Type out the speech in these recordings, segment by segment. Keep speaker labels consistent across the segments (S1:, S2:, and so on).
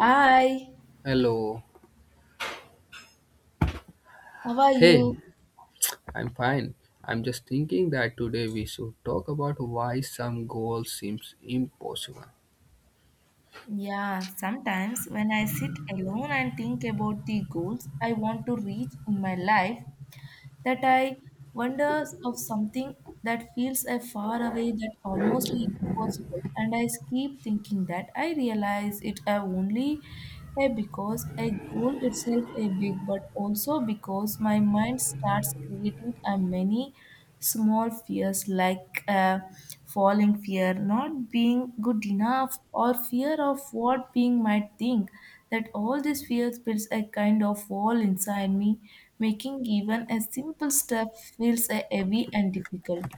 S1: Hi,
S2: Hello.
S1: how are
S2: Hey,
S1: you?
S2: I'm fine. I'm just thinking that today we should talk about why some goals seems impossible.
S1: Yeah, sometimes when I sit alone and think about the goals I want to reach in my life, that I wonder of something that feels a far away that almost impossible, and I keep thinking that I realize it only because a goal itself is big, but also because my mind starts creating a many. Small fears like falling fear not being good enough or fear of what being might think, that all these fears builds a kind of wall inside me, making even a simple step feels heavy and difficult.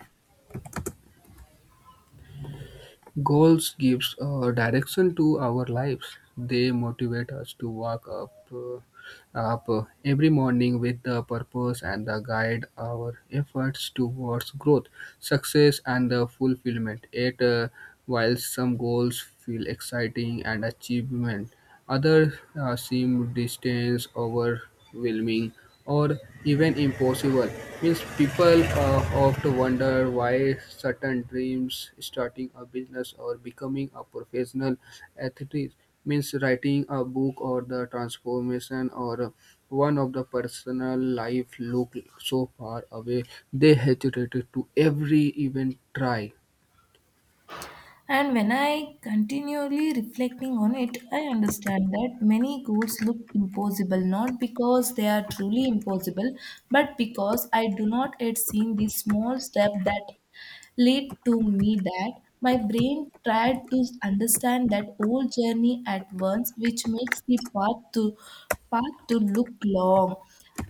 S2: Goals gives direction to our lives. They motivate us to wake up, every morning with the purpose and the guide our efforts towards growth, success, and the fulfillment. Yet, while some goals feel exciting and achievement, others seem distant overwhelming, or even impossible. Means people often wonder why certain dreams, starting a business or becoming a professional athlete, means writing a book or the transformation or one of the personal life look so far away they hesitated to every even try.
S1: And when I continually reflecting on it, I understand that many goals look impossible not because they are truly impossible, but because I do not yet seen the small step that led to me, that my brain tried to understand that whole journey at once, which makes the path to path to look long,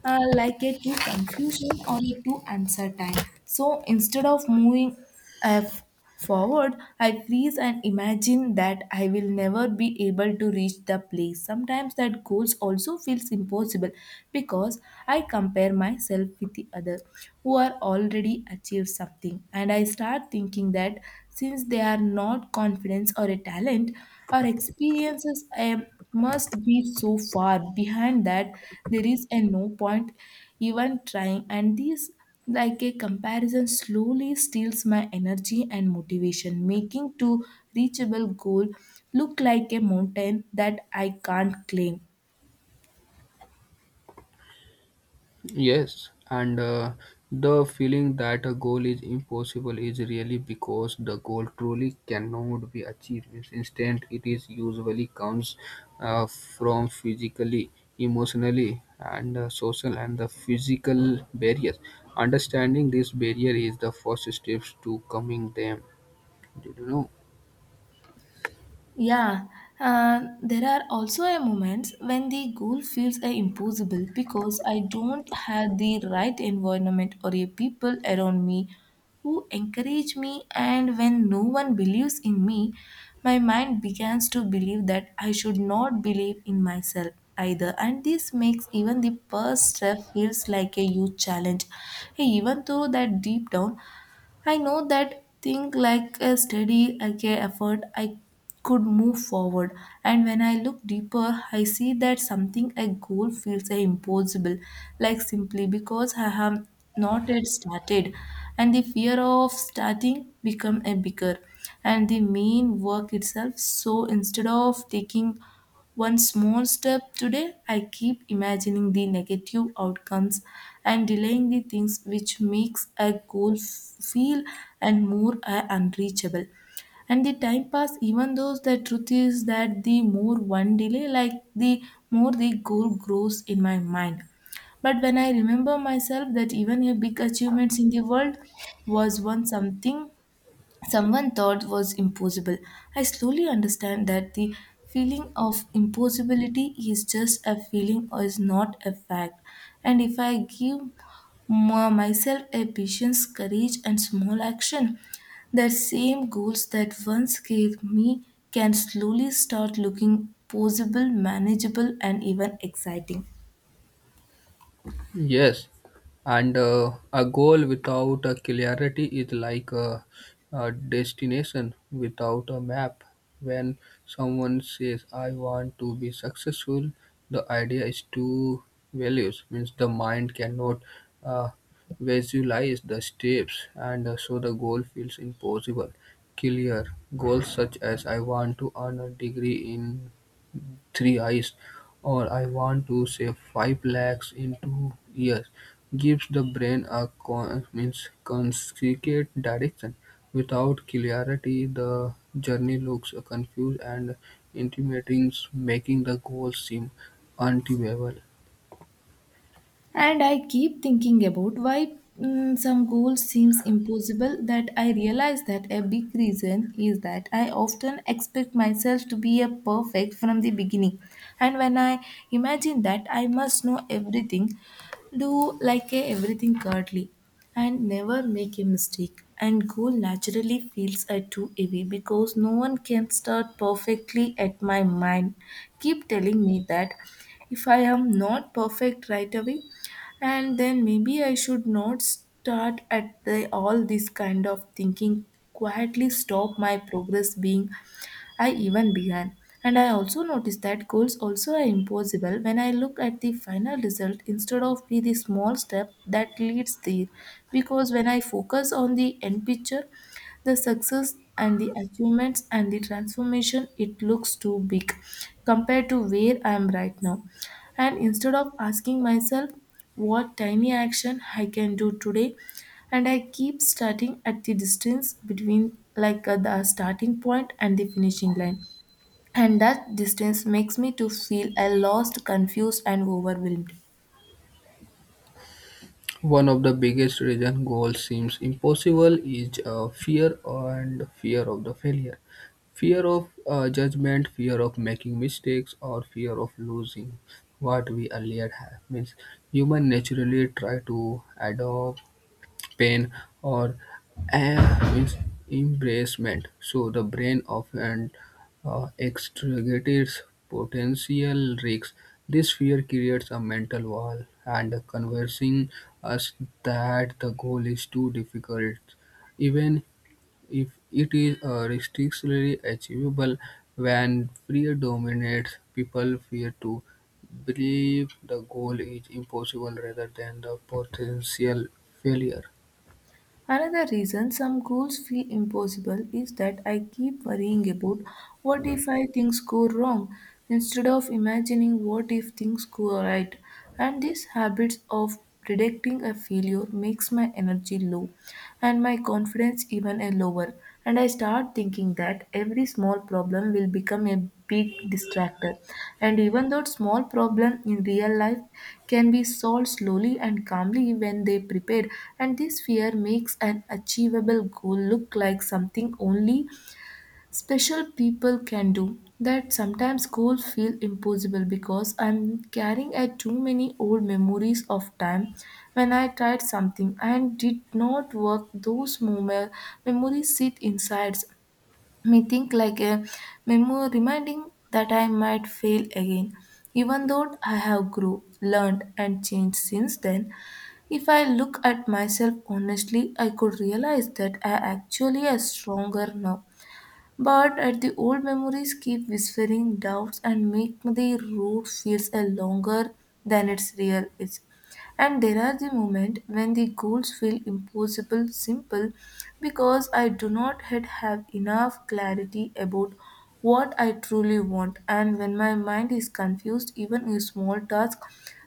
S1: like a too confusion or a too uncertain. So instead of moving f forward, I freeze and imagine that I will never be able to reach the place. Sometimes that goals also feels impossible because I compare myself with the other who are already achieved something, and I start thinking that since they are not confidence or a talent or experiences, I must be so far behind that there is a no point even trying. And these like a comparison slowly steals my energy and motivation, making to reachable goal look like a mountain that I can't climb.
S2: Yes, and the feeling that a goal is impossible is really because the goal truly cannot be achieved. Means instead, it is usually comes from physically, emotionally, and social and the physical barriers. Understanding this barrier is the first steps to coming them. Did you know?
S1: Yeah, there are also a moments when the goal feels impossible because I don't have the right environment or a people around me who encourage me. And when no one believes in me, my mind begins to believe that I should not believe in myself either. And this makes even the first step feels like a huge challenge, even though that deep down I know that think like a steady okay, effort I could move forward. And when I look deeper I see that something a goal feels impossible like simply because I have not yet started, and the fear of starting become a bigger and the main work itself. So instead of taking one small step today, I keep imagining the negative outcomes and delaying the things, which makes a goal feel and more unreachable. And the time pass, even though the truth is that the more one delay, like the more the goal grows in my mind. But when I remember myself that even a big achievements in the world was once something someone thought was impossible, I slowly understand that the feeling of impossibility is just a feeling or is not a fact. And if I give myself a patience, courage, and small action, the same goals that once scared me can slowly start looking possible, manageable, and even exciting.
S2: Yes, and a goal without a clarity is like a destination without a map. When someone says, I want to be successful, the idea is two values, means the mind cannot uh, visualize the steps, and so the goal feels impossible. Clear goals such as I want to earn a degree in three eyes, or I want to save five lakhs in 2 years, gives the brain a means consecutive direction. Without clarity, the journey looks confused and intimidating, making the goal seem unachievable.
S1: And I keep thinking about why some goals seems impossible, that I realize that a big reason is that I often expect myself to be a perfect from the beginning. And when I imagine that I must know everything, do like a everything curtly and never make a mistake, and goal naturally feels a too heavy because no one can start perfectly. At my mind keep telling me that if I am not perfect right away, and then maybe I should not start at the all. This kind of thinking quietly stop my progress being I even began. And I also noticed that goals also are impossible when I look at the final result instead of be the small step that leads there, because when I focus on the end picture, the success and the achievements and the transformation, it looks too big compared to where I am right now. And instead of asking myself what tiny action I can do today, and I keep starting at the distance between like the starting point and the finishing line, and that distance makes me to feel a lost, confused and overwhelmed.
S2: One of the biggest reason goal seems impossible is fear and fear of the failure, fear of judgment, fear of making mistakes, or fear of losing what we earlier have. Means human naturally try to adopt pain, or uh, em- embarrassment. So the brain often extricates potential risks. This fear creates a mental wall and conversing us that the goal is too difficult, even if it is restrictively achievable. When fear dominates, people fear to believe the goal is impossible rather than the potential failure.
S1: Another reason some goals feel impossible is that I keep worrying about what if I things go wrong instead of imagining what if things go right. And this habit of predicting a failure makes my energy low and my confidence even a lower, and I start thinking that every small problem will become a big distractor. And even though small problem in real life can be solved slowly and calmly when they prepared, and this fear makes an achievable goal look like something only special people can do. That sometimes goals feel impossible because I'm carrying at too many old memories of time when I tried something and did not work. Those moment memories sit inside me think like a memo reminding that I might fail again, even though I have grew learned and changed since then. If I look at myself honestly I could realize that I actually am stronger now, but at the old memories keep whispering doubts and make the road feels a longer than it's real is. And there are the moments when the goals feel impossible simple because I do not yet have enough clarity about what I truly want. And when my mind is confused, even a small task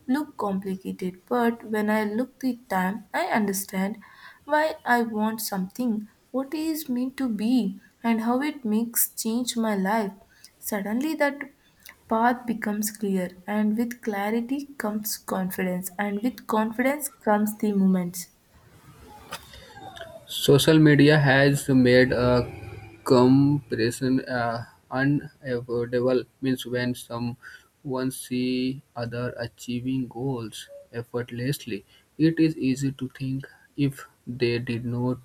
S1: look complicated. But when I look the time, I understand why I want something, what it is meant to be, and how it makes change my life. Suddenly that path becomes clear, and with clarity comes confidence, and with confidence comes the moments.
S2: Social media has made a comparison unavoidable. Means when someone see other achieving goals effortlessly, it is easy to think if they did not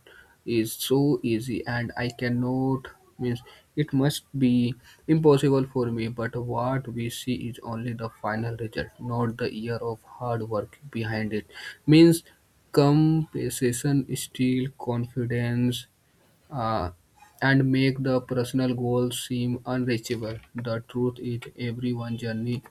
S2: is so easy and I cannot means it must be impossible for me. But what we see is only the final result, not the year of hard work behind it. Means compensation steal confidence uh, and make the personal goals seem unreachable. The truth is, everyone journey,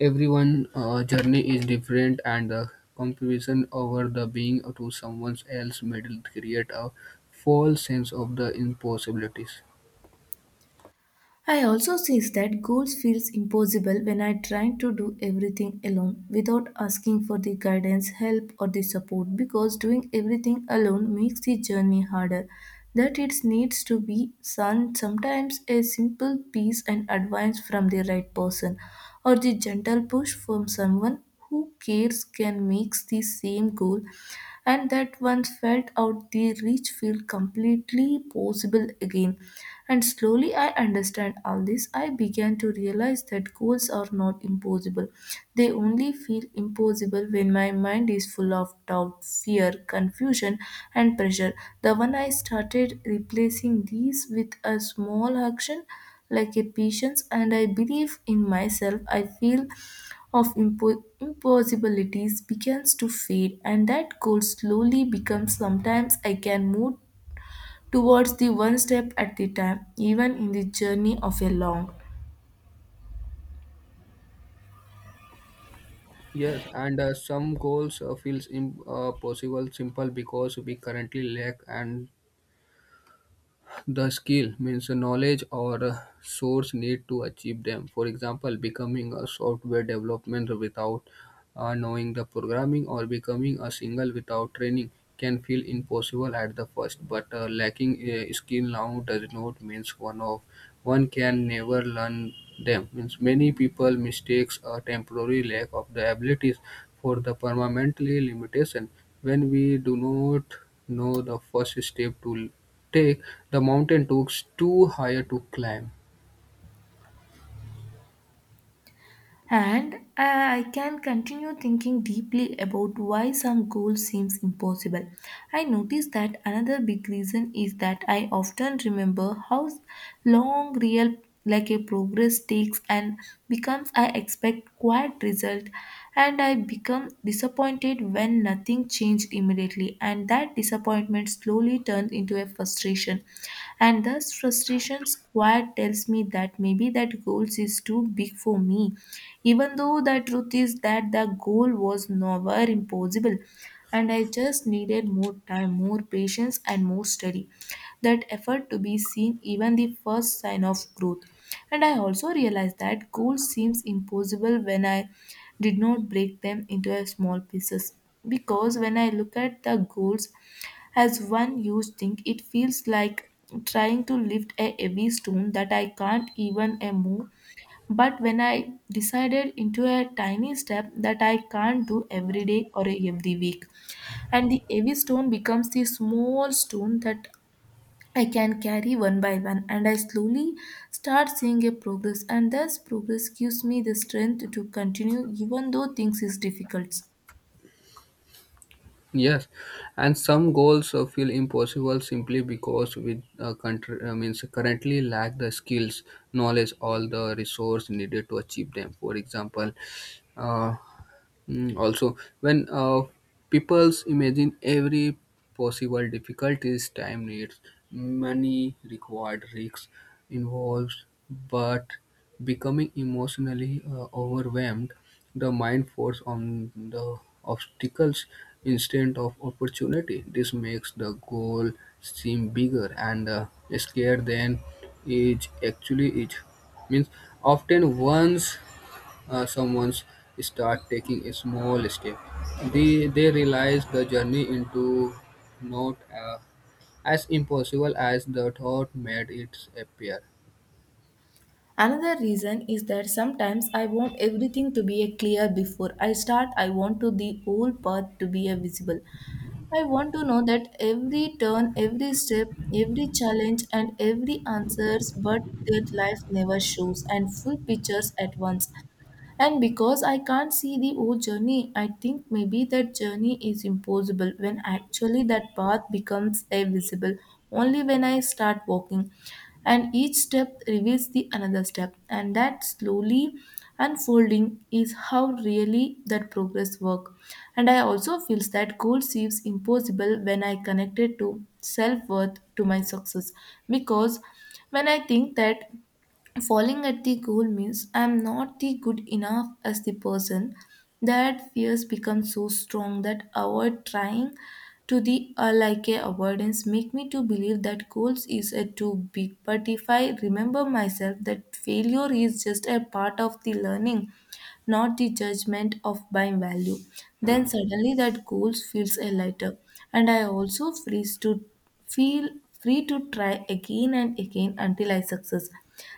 S2: everyone uh, journey is different, and the comparison over the being to someone else middle create a false sense of the impossibilities.
S1: I also see that goals feels impossible when I try to do everything alone without asking for the guidance, help or the support, because doing everything alone makes the journey harder. That it needs to be some sometimes a simple piece and advice from the right person or the gentle push from someone who cares can make the same goal and that once felt out the reach feel completely possible again. And slowly I understand all this. I began to realize that goals are not impossible. They only feel impossible when my mind is full of doubt, fear, confusion, and pressure. The one I started replacing these with a small action like a patience and I believe in myself. I feel of impossibilities begins to fade, and that goal slowly becomes sometimes I can move towards the one step at the time, even in the journey of a long.
S2: Yes, and some goals feels impossible possible simple because we currently lack and the skill means knowledge or source need to achieve them. For example, becoming a software development without knowing the programming or becoming a single without training can feel impossible at the first. But lacking a skill now does not means one can never learn them. Means many people mistakes a temporary lack of the abilities for the permanently limitation when we do not know the first step to take, the mountain looks too high to climb.
S1: And I can continue thinking deeply about why some goal seems impossible. I notice that another big reason is that I often remember how long real like a progress takes, and becomes I expect quiet result and I become disappointed when nothing changed immediately. And that disappointment slowly turns into a frustration, and thus frustration's quiet tells me that maybe that goals is too big for me, even though the truth is that the goal was never impossible, and I just needed more time, more patience and more study, that effort to be seen even the first sign of growth. And I also realized that goals seems impossible when I did not break them into a small pieces, because when I look at the goals as one huge thing, it feels like trying to lift a heavy stone that I can't even move. But when I decided into a tiny step that I can't do every day or every week, and the heavy stone becomes the small stone that I can carry one by one, and I slowly start seeing a progress, and thus progress gives me the strength to continue even though things is difficult.
S2: Yes, and some goals feel impossible simply because we means currently lack the skills, knowledge, all the resource needed to achieve them. For example, uh, mm, also, when people's imagine every possible difficulties, time needs, money required, risks involved, but becoming emotionally overwhelmed, the mind force on the obstacles instead of opportunity. This makes the goal seem bigger and scarier than it actually is. Means often one's someone's start taking a small step, they realize the journey into not as impossible as the thought made it appear.
S1: Another reason is that sometimes I want everything to be a clear before I start. I want to the whole path to be a visible. I want to know that every turn, every step, every challenge and every answers, but that life never shows and full pictures at once. And because I can't see the whole journey, I think maybe that journey is impossible, when actually that path becomes invisible only when I start walking. And each step reveals the another step, and that slowly unfolding is how really that progress work. And I also feels that goal seems impossible when I connect it to self worth to my success, because when I think that falling at the goal means I'm not the good enough as the person, that fears become so strong that avoid trying to the like a avoidance make me to believe that goals is a too big. But if I remember myself that failure is just a part of the learning, not the judgment of my value, then suddenly that goals feels a lighter. And I also freeze to feel free to try again and again until I success.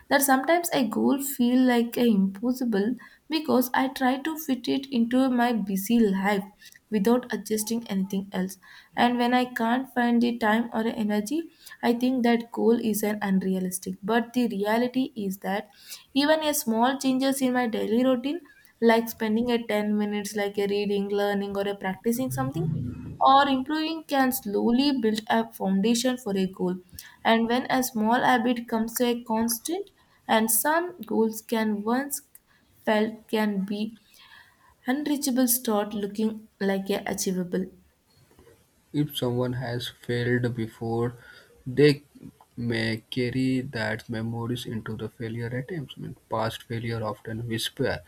S1: That sometimes a goal feel like a impossible because I try to fit it into my busy life without adjusting anything else. And when I can't find the time or energy, I think that goal is an unrealistic. But the reality is that even a small changes in my daily routine, like spending a 10 minutes like a reading, learning or a practicing something, or improving can slowly build a foundation for a goal. And when a small habit comes to a constant, and some goals can once felt can be unreachable, start looking like a achievable.
S2: If someone has failed before, they may carry that memories into the failure attempts. I mean, past failure often whisper,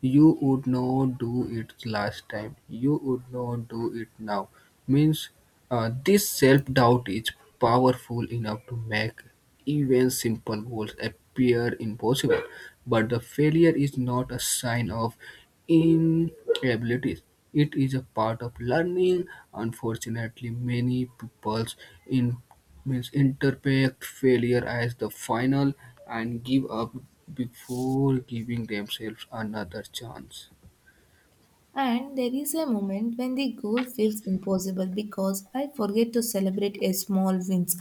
S2: you would not do it last time. You would not do it now. Means this self doubt is powerful enough to make even simple goals appear impossible. But the failure is not a sign of inabilities. It is a part of learning. Unfortunately, many people's means interpret failure as the final and give up before giving themselves another chance.
S1: And there is a moment when the goal feels impossible because I forget to celebrate a small wins.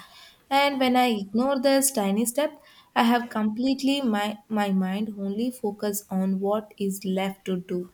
S1: And when I ignore this tiny step, I have completely my mind only focus on what is left to do,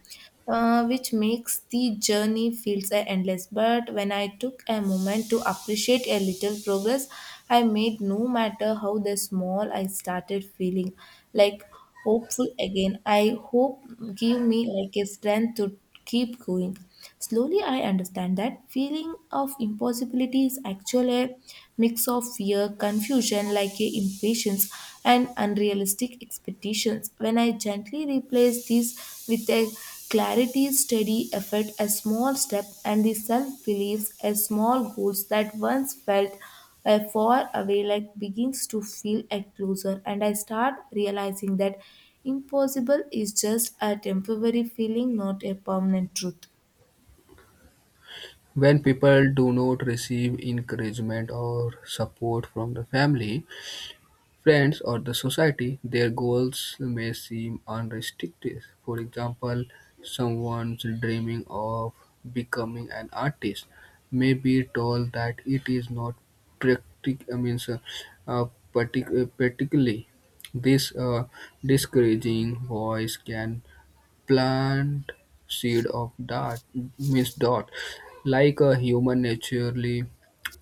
S1: which makes the journey feels endless. But when I took a moment to appreciate a little progress I made, no matter how the small, I started feeling like hopeful again. I hope give me like a strength to keep going. Slowly, I understand that feeling of impossibility is actually a mix of fear, confusion, like a impatience, and unrealistic expectations. When I gently replace these with a clarity, steady effort, a small step, and the self beliefs, as small goals that once felt far away like begins to feel a closer, and I start realizing that impossible is just a temporary feeling, not a permanent truth.
S2: When people do not receive encouragement or support from the family, friends or the society, their goals may seem unrestricted. For example, someone's dreaming of becoming an artist may be told that it is not I mean, so, uh, particularly this discouraging voice can plant seed of dot miss dot like a human naturally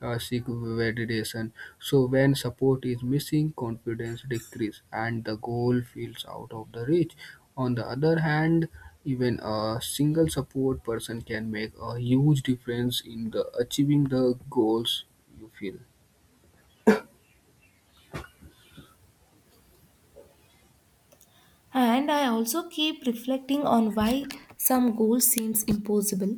S2: seek validation, so when support is missing confidence decreases and the goal feels out of the reach. On the other hand, even a single support person can make a huge difference in the achieving the goals, you feel.
S1: And I also keep reflecting on why some goal seems impossible.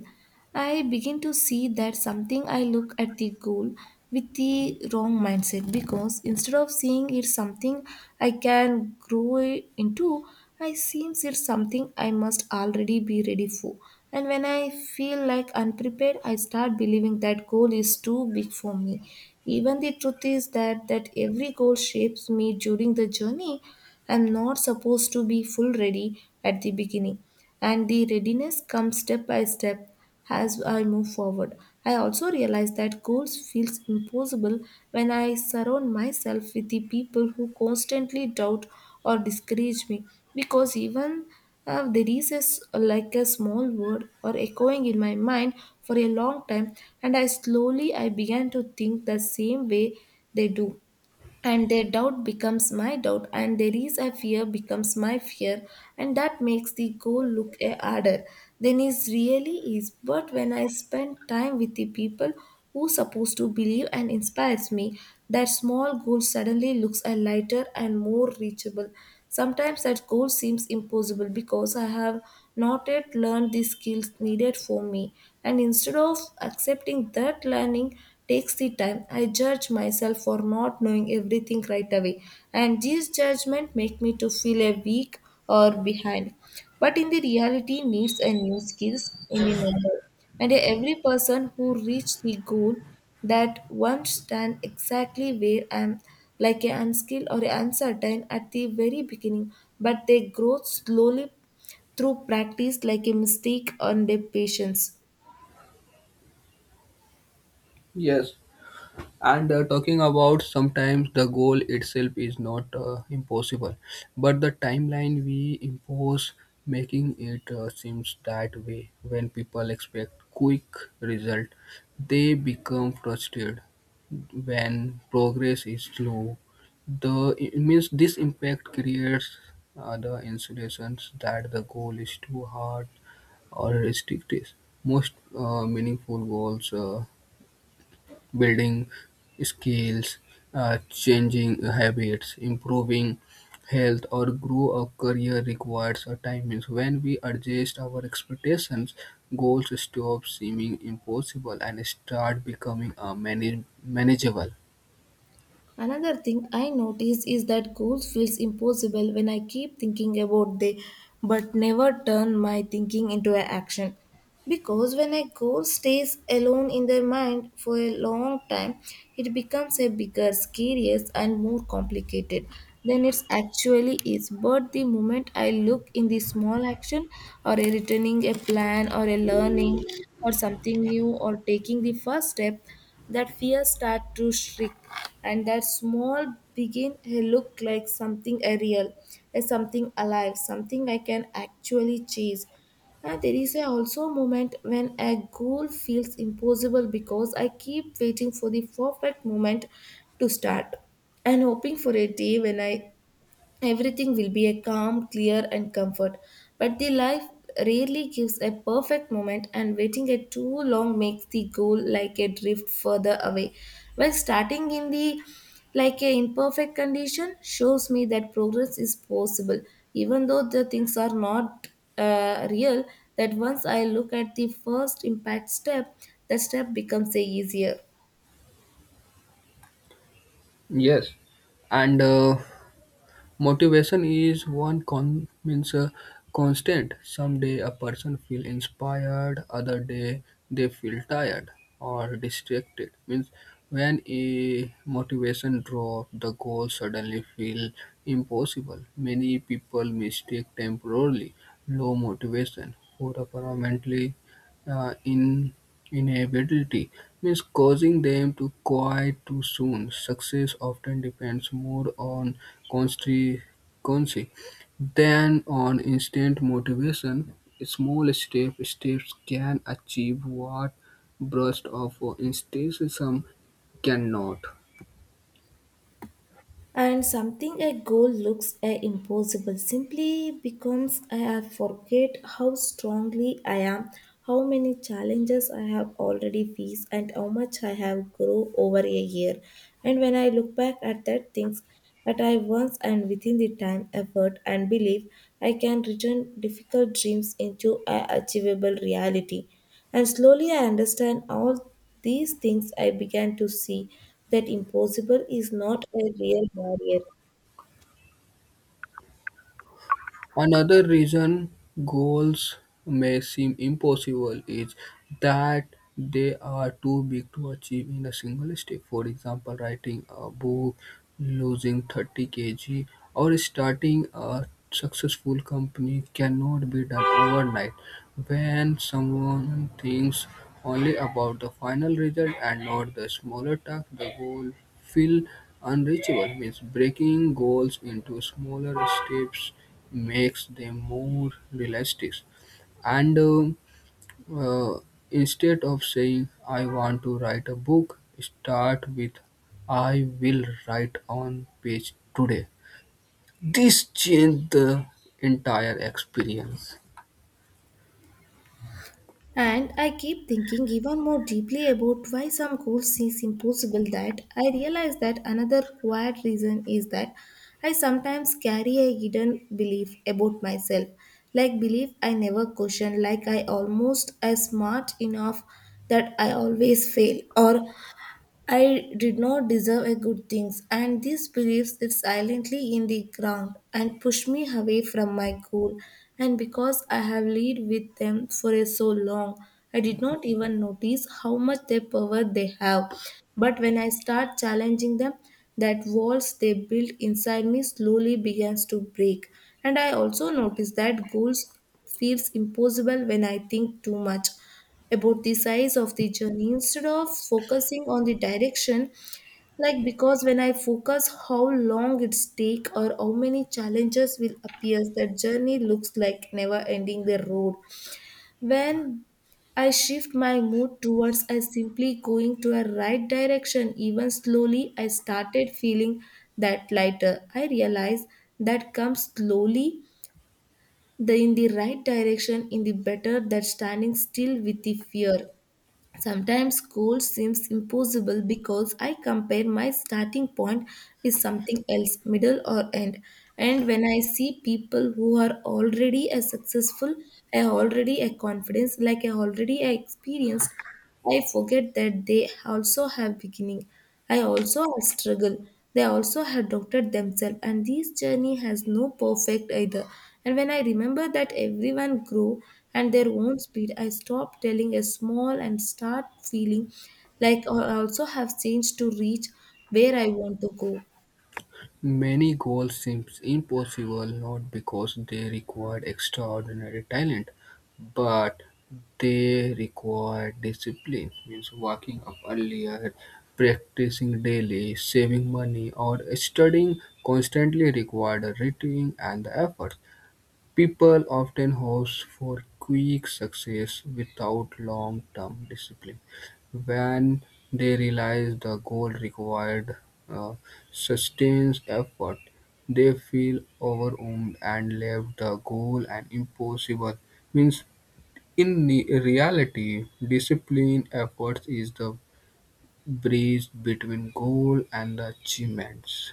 S1: I begin to see that something I look at the goal with the wrong mindset, because instead of seeing it something I can grow into, I seems it something I must already be ready for. And when I feel like unprepared, I start believing that goal is too big for me. Even the truth is that that every goal shapes me during the journey. I'm not supposed to be full ready at the beginning, and the readiness comes step by step as I move forward. I also realize that goals feels impossible when I surround myself with the people who constantly doubt or discourage me, because even there is a like a small word or echoing in my mind for a long time, and I slowly I began to think the same way they do, and their doubt becomes my doubt and there is a fear becomes my fear, and that makes the goal look a harder than it really is. But when I spend time with the people who supposed to believe and inspires me, that small goal suddenly looks a lighter and more reachable. Sometimes that goal seems impossible because I have not yet learned the skills needed for me. And instead of accepting that learning takes the time, I judge myself for not knowing everything right away. And these judgments make me to feel a weak or behind. But in the reality needs and new skills in the normal, and every person who reached the goal that one stand exactly where I am, like a unskilled or uncertain at the very beginning, but they grow slowly through practice, like a mistake and their patience.
S2: Yes, and talking about sometimes the goal itself is not impossible but the timeline we impose making it seems that way. When people expect quick result they become frustrated when progress is slow, the it means this impact creates the insinuations that the goal is too hard or restrictive. Most meaningful goals, building skills, changing habits, improving health, or grow a career requires a time. Means when we adjust our expectations, goals stop seeming impossible and start becoming manageable.
S1: Another thing I notice is that goals feels impossible when I keep thinking about they but never turn my thinking into an action. Because when a goal stays alone in the mind for a long time, it becomes a bigger, scarier and more complicated than it actually is. But the moment I look in the small action or a returning a plan or a learning or something new or taking the first step, that fear start to shrink and that small begin to look like something a real, a something alive, something I can actually chase. And there is a also a moment when a goal feels impossible because I keep waiting for the perfect moment to start and hoping for a day when I everything will be a calm, clear, and comfort. But the life rarely gives a perfect moment, and waiting a too long makes the goal like a drift further away. While starting in the like a imperfect condition shows me that progress is possible, even though the things are not real. That once I look at the first impact step, the step becomes a easier.
S2: Yes, and motivation is one con- means constant. Some day a person feel inspired, other day they feel tired or distracted. Means when a motivation drop, the goal suddenly feel impossible. Many people mistake temporarily low motivation for a permanently in inevitability means causing them to quiet too soon. Success often depends more on constancy than on instant motivation. Small step steps can achieve what bursts of enthusiasm cannot.
S1: And something a goal looks a impossible simply becomes I forget how strongly I am, how many challenges I have already faced, and how much I have grown over a year. And when I look back at that things that I once and within the time, effort, and belief, I can return difficult dreams into a achievable reality. And slowly I understand all these things I began to see that impossible is not a real barrier.
S2: Another reason goals may seem impossible is that they are too big to achieve in a single step. For example, writing a book, losing 30 kg, or starting a successful company cannot be done overnight. When someone thinks only about the final result and not the smaller task, the goal feel unreachable means breaking goals into smaller steps makes them more realistic. And uh, instead of saying, I want to write a book, start with, I will write on page today. This changed the entire experience.
S1: And I keep thinking even more deeply about why some goals seems impossible, that I realize that another quiet reason is that I sometimes carry a hidden belief about myself, like belief I never question, like I almost as smart enough, that I always fail, or I did not deserve a good things, and these beliefs sit silently in the ground and push me away from my goal. And because I have lived with them for a so long, I did not even notice how much their power they have. But when I start challenging them, that walls they built inside me slowly begins to break. And I also notice that goals feels impossible when I think too much about the size of the journey instead of focusing on the direction, like because when I focus how long it's take or how many challenges will appear, that journey looks like never ending the road. When I shift my mood towards I simply going to a right direction. Even slowly, I started feeling that lighter. I realized that comes slowly, the in the right direction, in the better that standing still with the fear. Sometimes goal seems impossible because I compare my starting point with something else, middle or end. And when I see people who are already as successful, I already a confidence, like I already a experienced, I forget that they also have beginning. I also have struggle. They also have doubted themselves, and this journey has no perfect either. And when I remember that everyone grew at their own speed, I stop telling a small and start feeling like I also have changed to reach where I want to go.
S2: Many goals seem impossible not because they required extraordinary talent, but they require discipline, means waking up earlier, practicing daily, saving money, or studying constantly required a routine and the effort. People often host for quick success without long-term discipline. When they realize the goal required uh, sustained effort, they feel overwhelmed and leave the goal an impossible. Means in the reality, discipline efforts is the bridge between goal and the achievements.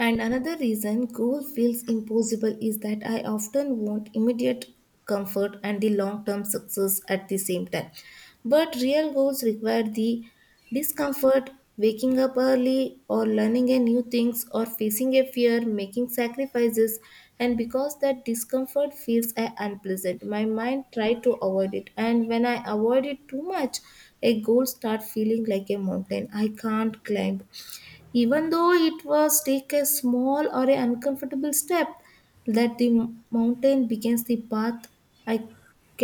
S1: And another reason goal feels impossible is that I often want immediate comfort and the long term success at the same time. But real goals require the discomfort, waking up early, or learning a new things, or facing a fear, making sacrifices. And because that discomfort feels unpleasant, my mind try to avoid it. And when I avoid it too much, a goal start feeling like a mountain I can't climb, even though it was take a small or a uncomfortable step, that the mountain begins the path I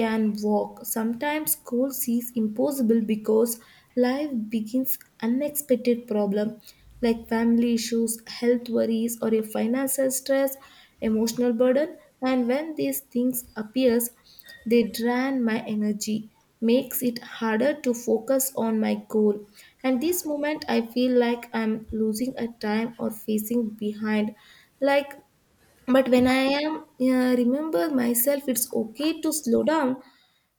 S1: can walk. Sometimes goal seems impossible because life begins unexpected problem, like family issues, health worries or a financial stress, emotional burden. And when these things appears, they drain my energy, makes it harder to focus on my goal. And this moment I feel like I'm losing a time or facing behind. Like, but when I am remember myself, it's okay to slow down,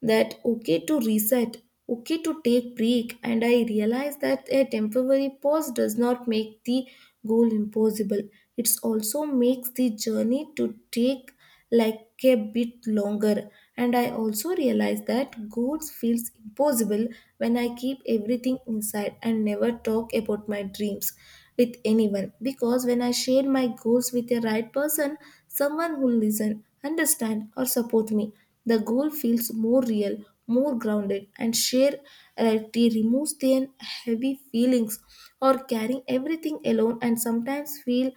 S1: that okay to reset, okay to take break, and I realize that a temporary pause does not make the goal impossible. It also makes the journey to take like a bit longer. And I also realize that goals feels impossible when I keep everything inside and never talk about my dreams with anyone, because when I share my goals with the right person, someone who listen, understand or support me, the goal feels more real, more grounded, and sheer reality removes their heavy feelings or carrying everything alone, and sometimes feel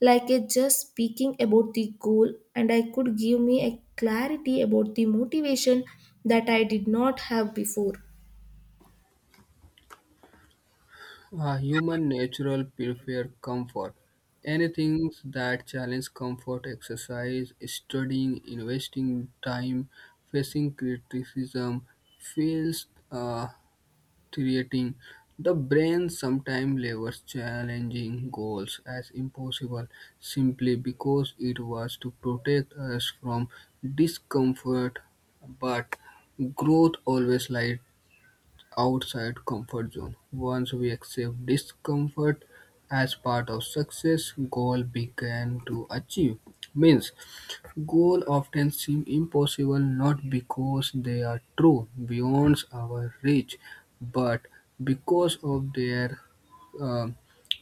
S1: like a just speaking about the goal and I could give me a clarity about the motivation that I did not have before.
S2: Human natural prefer comfort. Anything that challenge comfort, exercise, studying, investing time, facing criticism, feels uh, threatening. The brain sometimes labels challenging goals as impossible simply because it was to protect us from discomfort. But growth always lies outside comfort zone. Once we accept discomfort as part of success, goal began to achieve. Means goal often seem impossible not because they are true beyond our reach, but because of their uh,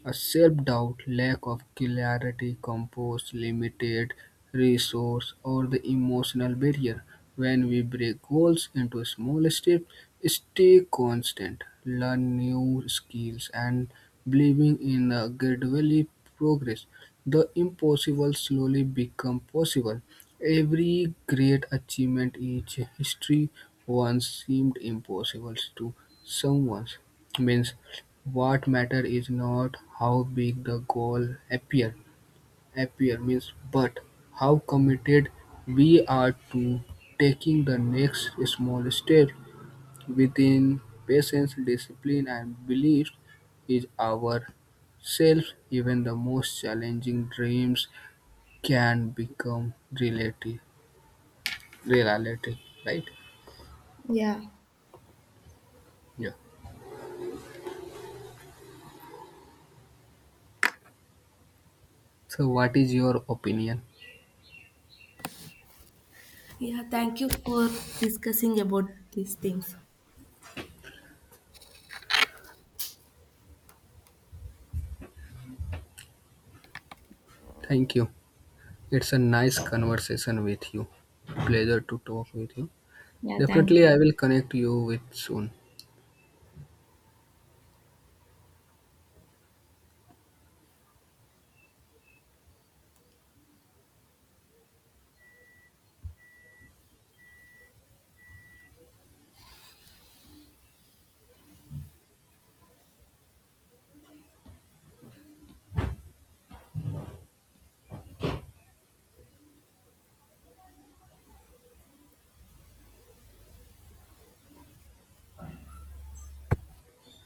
S2: a self-doubt, lack of clarity, composed, limited resource, or the emotional barrier. When we break goals into small steps, stay constant, learn new skills, and believing in a gradually progress, the impossible slowly become possible. Every great achievement in history once seemed impossible to someone means what matters is not how big the goal appear. Appear means, but how committed we are to taking the next small step. Within patience, discipline and belief is our self, even the most challenging dreams can become reality. Reality, right?
S1: Yeah.
S2: Yeah. So, what is your opinion?
S1: Yeah, thank you for discussing about these things.
S2: Thank you. It's a nice conversation with you. Pleasure to talk with you.
S1: Yeah, thank
S2: Definitely,
S1: you.
S2: I will connect you with soon.